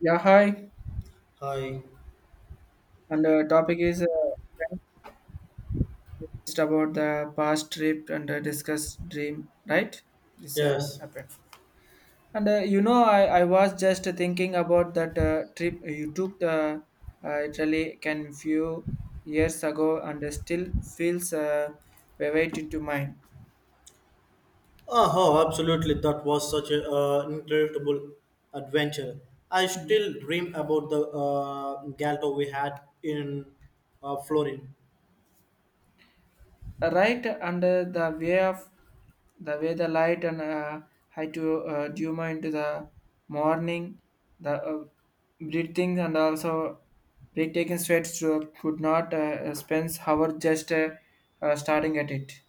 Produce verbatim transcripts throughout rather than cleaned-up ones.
Yeah, hi. Hi. And the topic is uh, just about the past trip and uh, discuss dream, right? This uh, Yes. happened. And uh, you know, I, I was just thinking about that uh, trip you took the uh, Italy can few years ago and uh, still feels uh, vivid to mind. Oh, oh, absolutely. That was such an uh, incredible adventure. I still dream about the uh, Galto we had in uh, Florin. Right under the way of the way the light and uh, high to uh, duma into the morning the uh, breathing and also breathtaking sweats to, could not uh, spend hour just uh, uh, starting at it.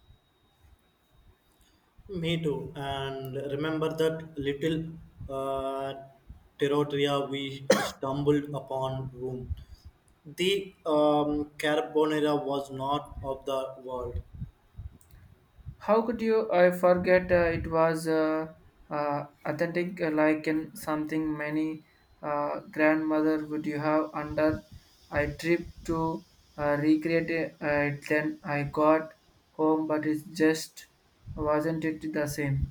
Me too. And remember that little uh, territoria we stumbled upon room. The um, carbonera was not of the world. How could you? I forget. Uh, it was uh, uh, authentic, uh, like in something many uh, grandmother would you have under. I trip to uh, recreate it. Uh, then I got home, but it just wasn't it the same.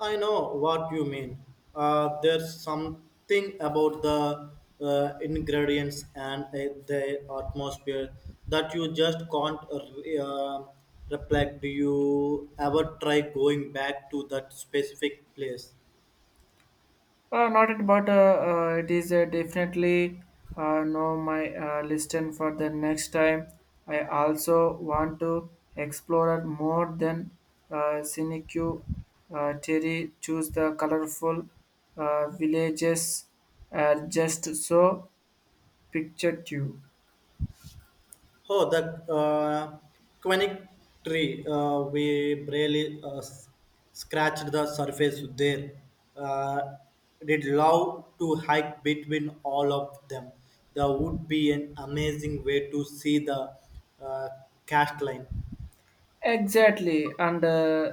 I know what you mean. Uh, there's something about the uh, ingredients and uh, the atmosphere that you just can't uh, reflect. Do you ever try going back to that specific place? Uh, not it, but uh, uh, it is uh, definitely uh, no my uh, listen for the next time. I also want to explore more than uh, scenic uh, theory. Choose the colorful uh, villages uh, just so picture you. Oh, the uh, quinic tree. Uh, we barely uh, s- scratched the surface there. Uh, did love to hike between all of them. That would be an amazing way to see the uh, cast line. Exactly, and. Uh,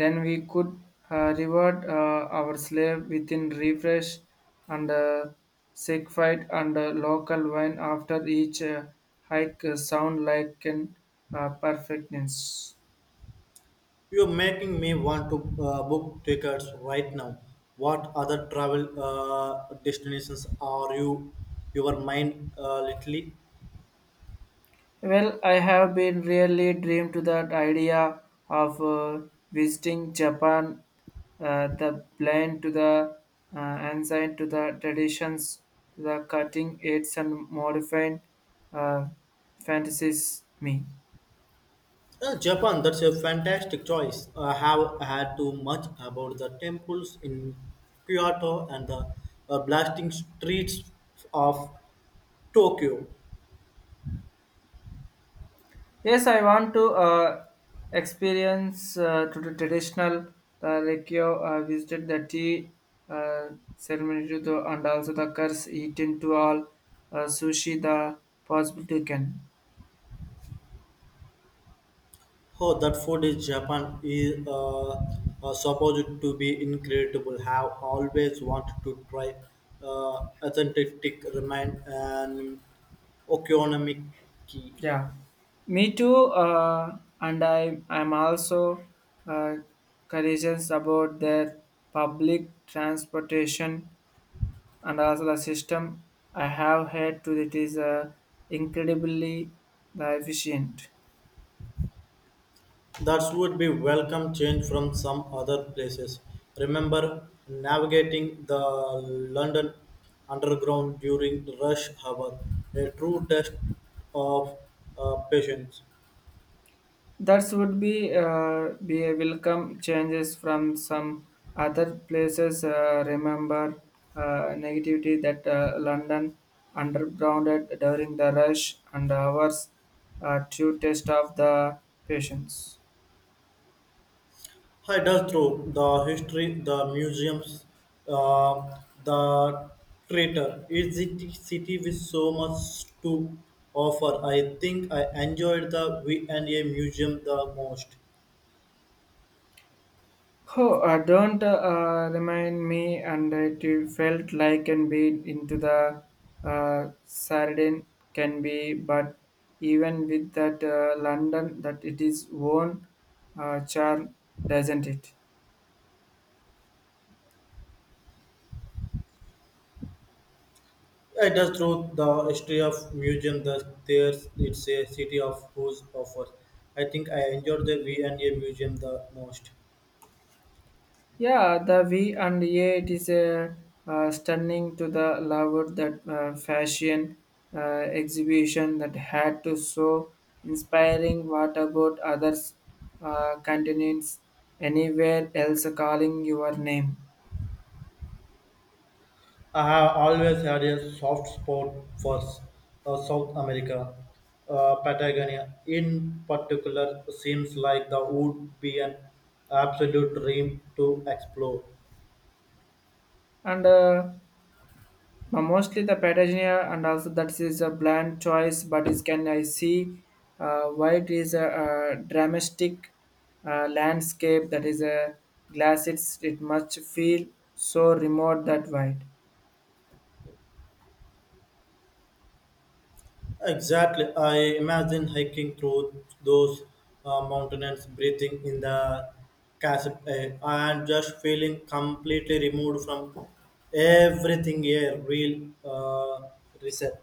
Then we could uh, reward uh, our slave within refresh and uh, sick fight and uh, local wine after each uh, hike uh, sound like an uh, perfectness. You're making me want to uh, book tickets right now. What other travel uh, destinations are you your mind uh, lately? Well, I have been really dreamed to that idea of uh, visiting Japan, uh, the blend to the uh, ancient to the traditions, to the cutting edge and modifying uh, fantasies me. Uh, Japan, that's a fantastic choice. I have had too much about the temples in Kyoto and the uh, blasting streets of Tokyo. Yes, I want to uh, experience uh, to the traditional uh, like you uh, visited the tea uh, ceremony to the, and also the curse eaten to all uh, sushi the possible to can. Oh, that food in Japan is uh, uh, supposed to be incredible. Have always wanted to try uh, authentic ramen and okonomiyaki. Yeah, me too. Uh, and I I'm also uh, courageous about their public transportation and also the system. I have heard to it is uh, incredibly uh, efficient. That would be welcome change from some other places. Remember navigating the London Underground during rush hour, a true test of uh, patience. That would be uh, be a welcome changes from some other places. Uh, remember uh, negativity that uh, London undergrounded during the rush and hours uh, to test of the patients. I does through the history, the museums, uh, the theater. It's a city with so much to offer. I think I enjoyed the V and A museum the most. Oh, uh, don't uh, uh, remind me, and it felt like and be into the uh, Sardine can be, but even with that uh, London, that it is own uh, charm, doesn't it? Yeah, it is true. The history of museum, the there's it's a city of whose offers. I think I enjoyed the V and A museum the most. Yeah, the V and A, it is a uh, stunning to the lover that uh, fashion uh, exhibition that had to so inspiring. What about others uh, continents anywhere else calling your name? I have always had a soft spot for s- uh, South America, uh, Patagonia. In particular, seems like the would be an absolute dream to explore. And uh, But mostly the Patagonia, and also that is a bland choice, but it can I see uh, why it is a, uh dramatic uh, landscape that is a glass. It's it must feel so remote that wide. Exactly. I imagine hiking through those uh, mountains, breathing in the crisp air, and just feeling completely removed from everything here. Real uh, reset.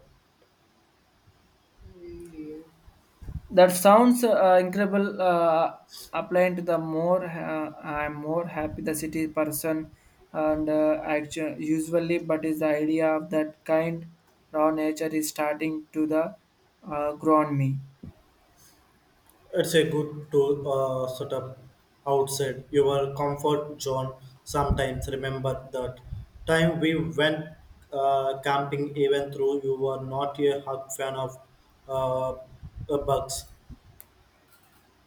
That sounds uh, incredible. Uh, applying to the more, uh, I'm more happy the city person, and uh, actually usually, but is the idea of that kind raw nature is starting to the uh, grow on me. It's a good to uh, set up outside your comfort zone. Sometimes remember that time we went uh, camping, even though you were not a hug fan of uh, uh, bugs.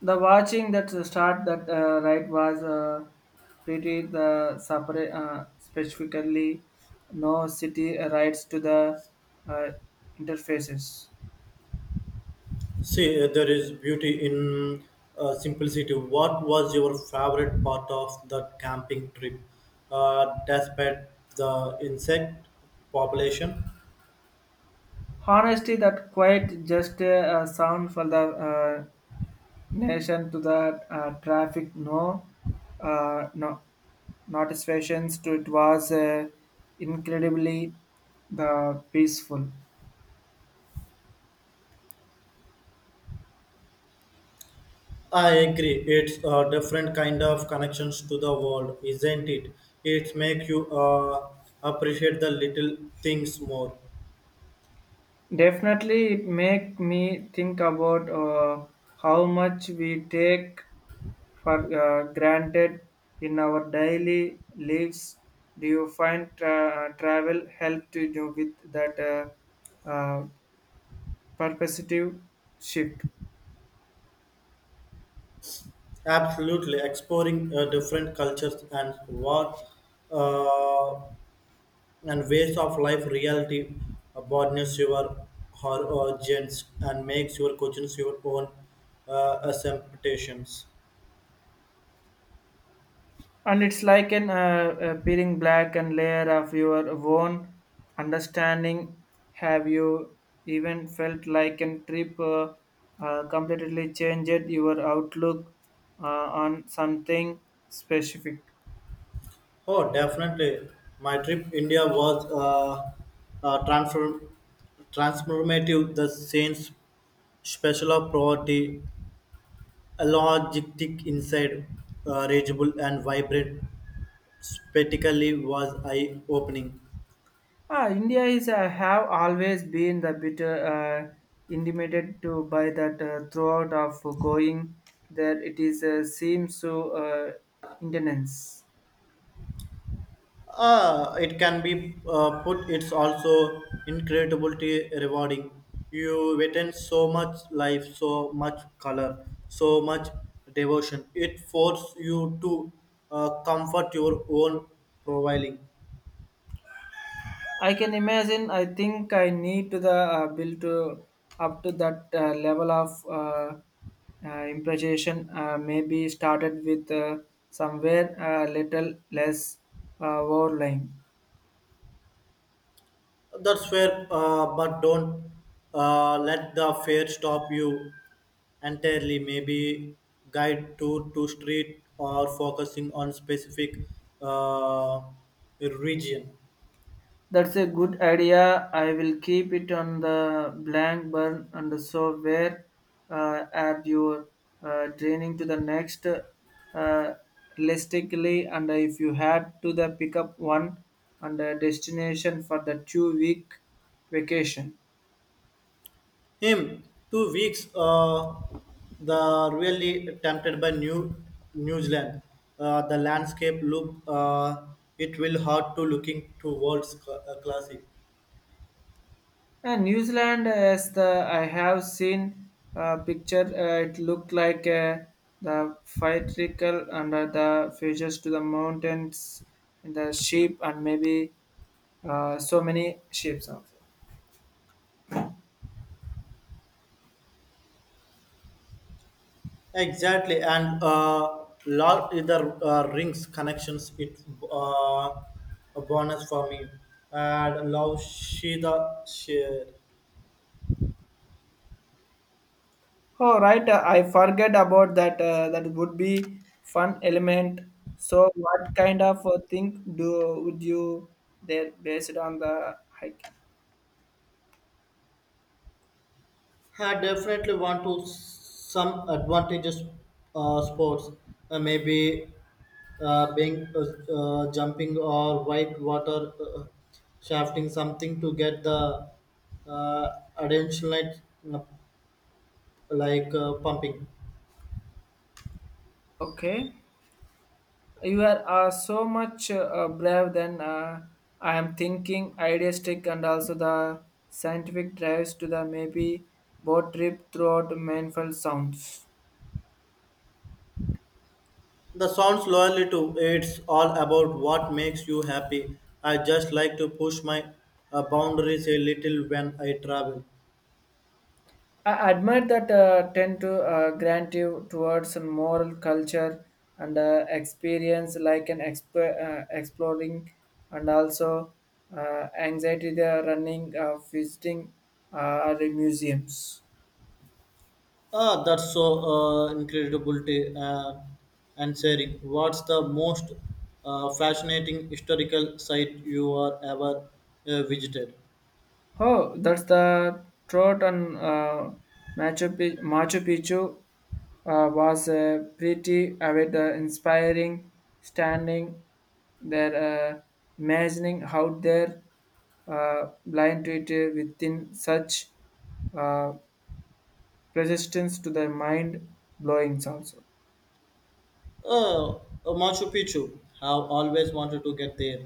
The watching that start that uh, right was uh, pretty the separate uh, specifically no city rights to the uh, interfaces. See, uh, there is beauty in uh, simplicity. What was your favorite part of that camping trip, uh, despite the insect population? Honestly, that quite just a, uh sound for the uh, nation to the uh, traffic. No, uh, no, not stations to it was uh, incredibly the peaceful. I agree. It's a different kind of connections to the world, isn't it? It makes you uh, appreciate the little things more. Definitely, it make me think about uh, how much we take for uh, granted in our daily lives. Do you find tra- uh, travel help to you with that uh, uh, perspective shift? Absolutely, exploring uh, different cultures and what uh, and ways of life reality uh, broadens your horizons and makes your questions your own uh, assumptions. And it's like an uh, uh, peeling black and layer of your own understanding. Have you even felt like a trip uh, uh, completely changed your outlook uh, on something specific? Oh, definitely. My trip India was uh, uh, transform- transformative. The scenes special of poverty, a logistic inside, uh, reachable and vibrant, spectacularly was eye-opening. Ah, India is uh, have always been the bit uh, intimidated to by that uh, throughout of going there. It is uh, seems so uh, intense. Uh, it can be uh, put, it's also incredibly rewarding. You witness so much life, so much color, so much devotion. It forces you to uh, comfort your own profiling. I can imagine. I think I need to the uh, build to up to that uh, level of uh, uh, improvisation. Uh, maybe started with uh, somewhere a little less uh, overlying. That's fair, uh, but don't uh, let the fear stop you entirely maybe guide tour to street or focusing on specific uh, region. That's a good idea. I will keep it on the blank burn and so where uh, are you uh, draining to the next uh, realistically and if you had to the pick up one and a destination for the two week vacation. Him two weeks. Uh, the really tempted by New New Zealand. Uh, the landscape look. Uh, it will hard to looking towards cl- uh, classy. And New Zealand as the I have seen uh, picture uh, it looked like uh, the fire trickle under the features to the mountains and the sheep and maybe uh, so many shapes of. Exactly, and uh, lot either uh, rings connections. It uh, a bonus for me. And love she the share. Oh, right. uh, I forget about that. Uh, that would be fun element. So, what kind of uh, thing do would you there based on the hiking? I definitely want to s- some advantages uh, sports, uh, maybe uh, being uh, uh, jumping or white water uh, shafting something to get the uh, attention light uh, like uh, pumping. Okay, you are uh, so much uh, brave than uh, I am thinking. Idealistic and also the scientific drives to the maybe boat trip throughout mindful sounds. The sounds loyally to it's all about what makes you happy. I just like to push my uh, boundaries a little when I travel. I admire that uh, tend to uh, grant you towards a moral culture and uh, experience like an exp- uh, exploring and also uh, anxiety they are running uh, visiting uh, the museums. Ah, that's so uh, incredible t- uh, and sharing. What's the most uh, fascinating historical site you are ever uh, visited? Oh, that's the throat on uh, Machu, Pi- Machu Picchu uh, was uh, pretty uh, with uh, inspiring standing there, uh, imagining how they're uh, blind to it uh, within such uh, resistance to the mind blowings also. Ah, Uh, Machu Picchu. Have always wanted to get there.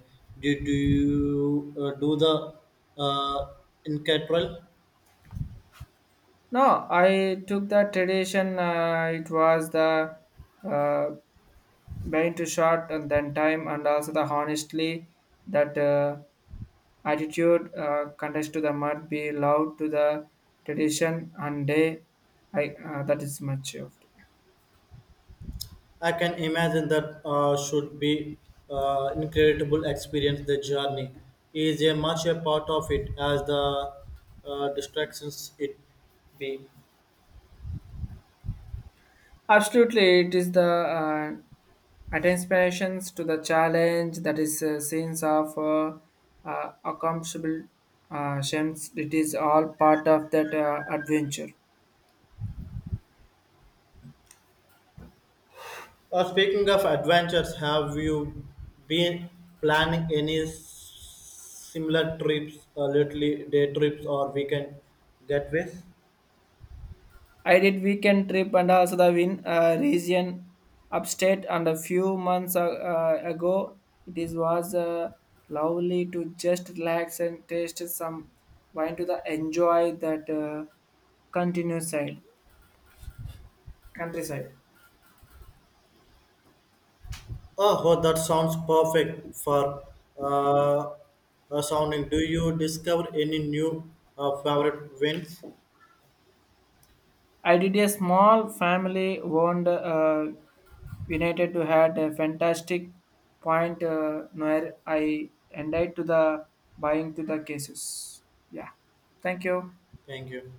Did you uh, do the uh, incredible? No, I took the tradition. Uh, it was the uh, Being too short and then time and also the honestly that uh, attitude uh, contest to the mud be loud to the tradition and day I, uh, that is much of it. I can imagine that uh, should be uh, incredible experience. The journey is a much a part of it as the uh, distractions it be. Absolutely, it is the uh, attentions to the challenge that is uh, scenes of uh, uh, accomplishable uh, shams it is all part of that uh, adventure. Uh, speaking of adventures, have you been planning any s- similar trips, uh, lately day trips or weekend getaways? I did weekend trip and also the win uh, region upstate and a few months uh, uh, ago it is was uh, lovely to just relax and taste some wine to the enjoy that uh, continuous side countryside. Oh, oh, that sounds perfect for uh, uh, sounding. Do you discover any new uh, favorite wins? I did a small family owned uh, United to had a fantastic point uh, where I ended to the buying to the cases. Yeah, thank you. Thank you.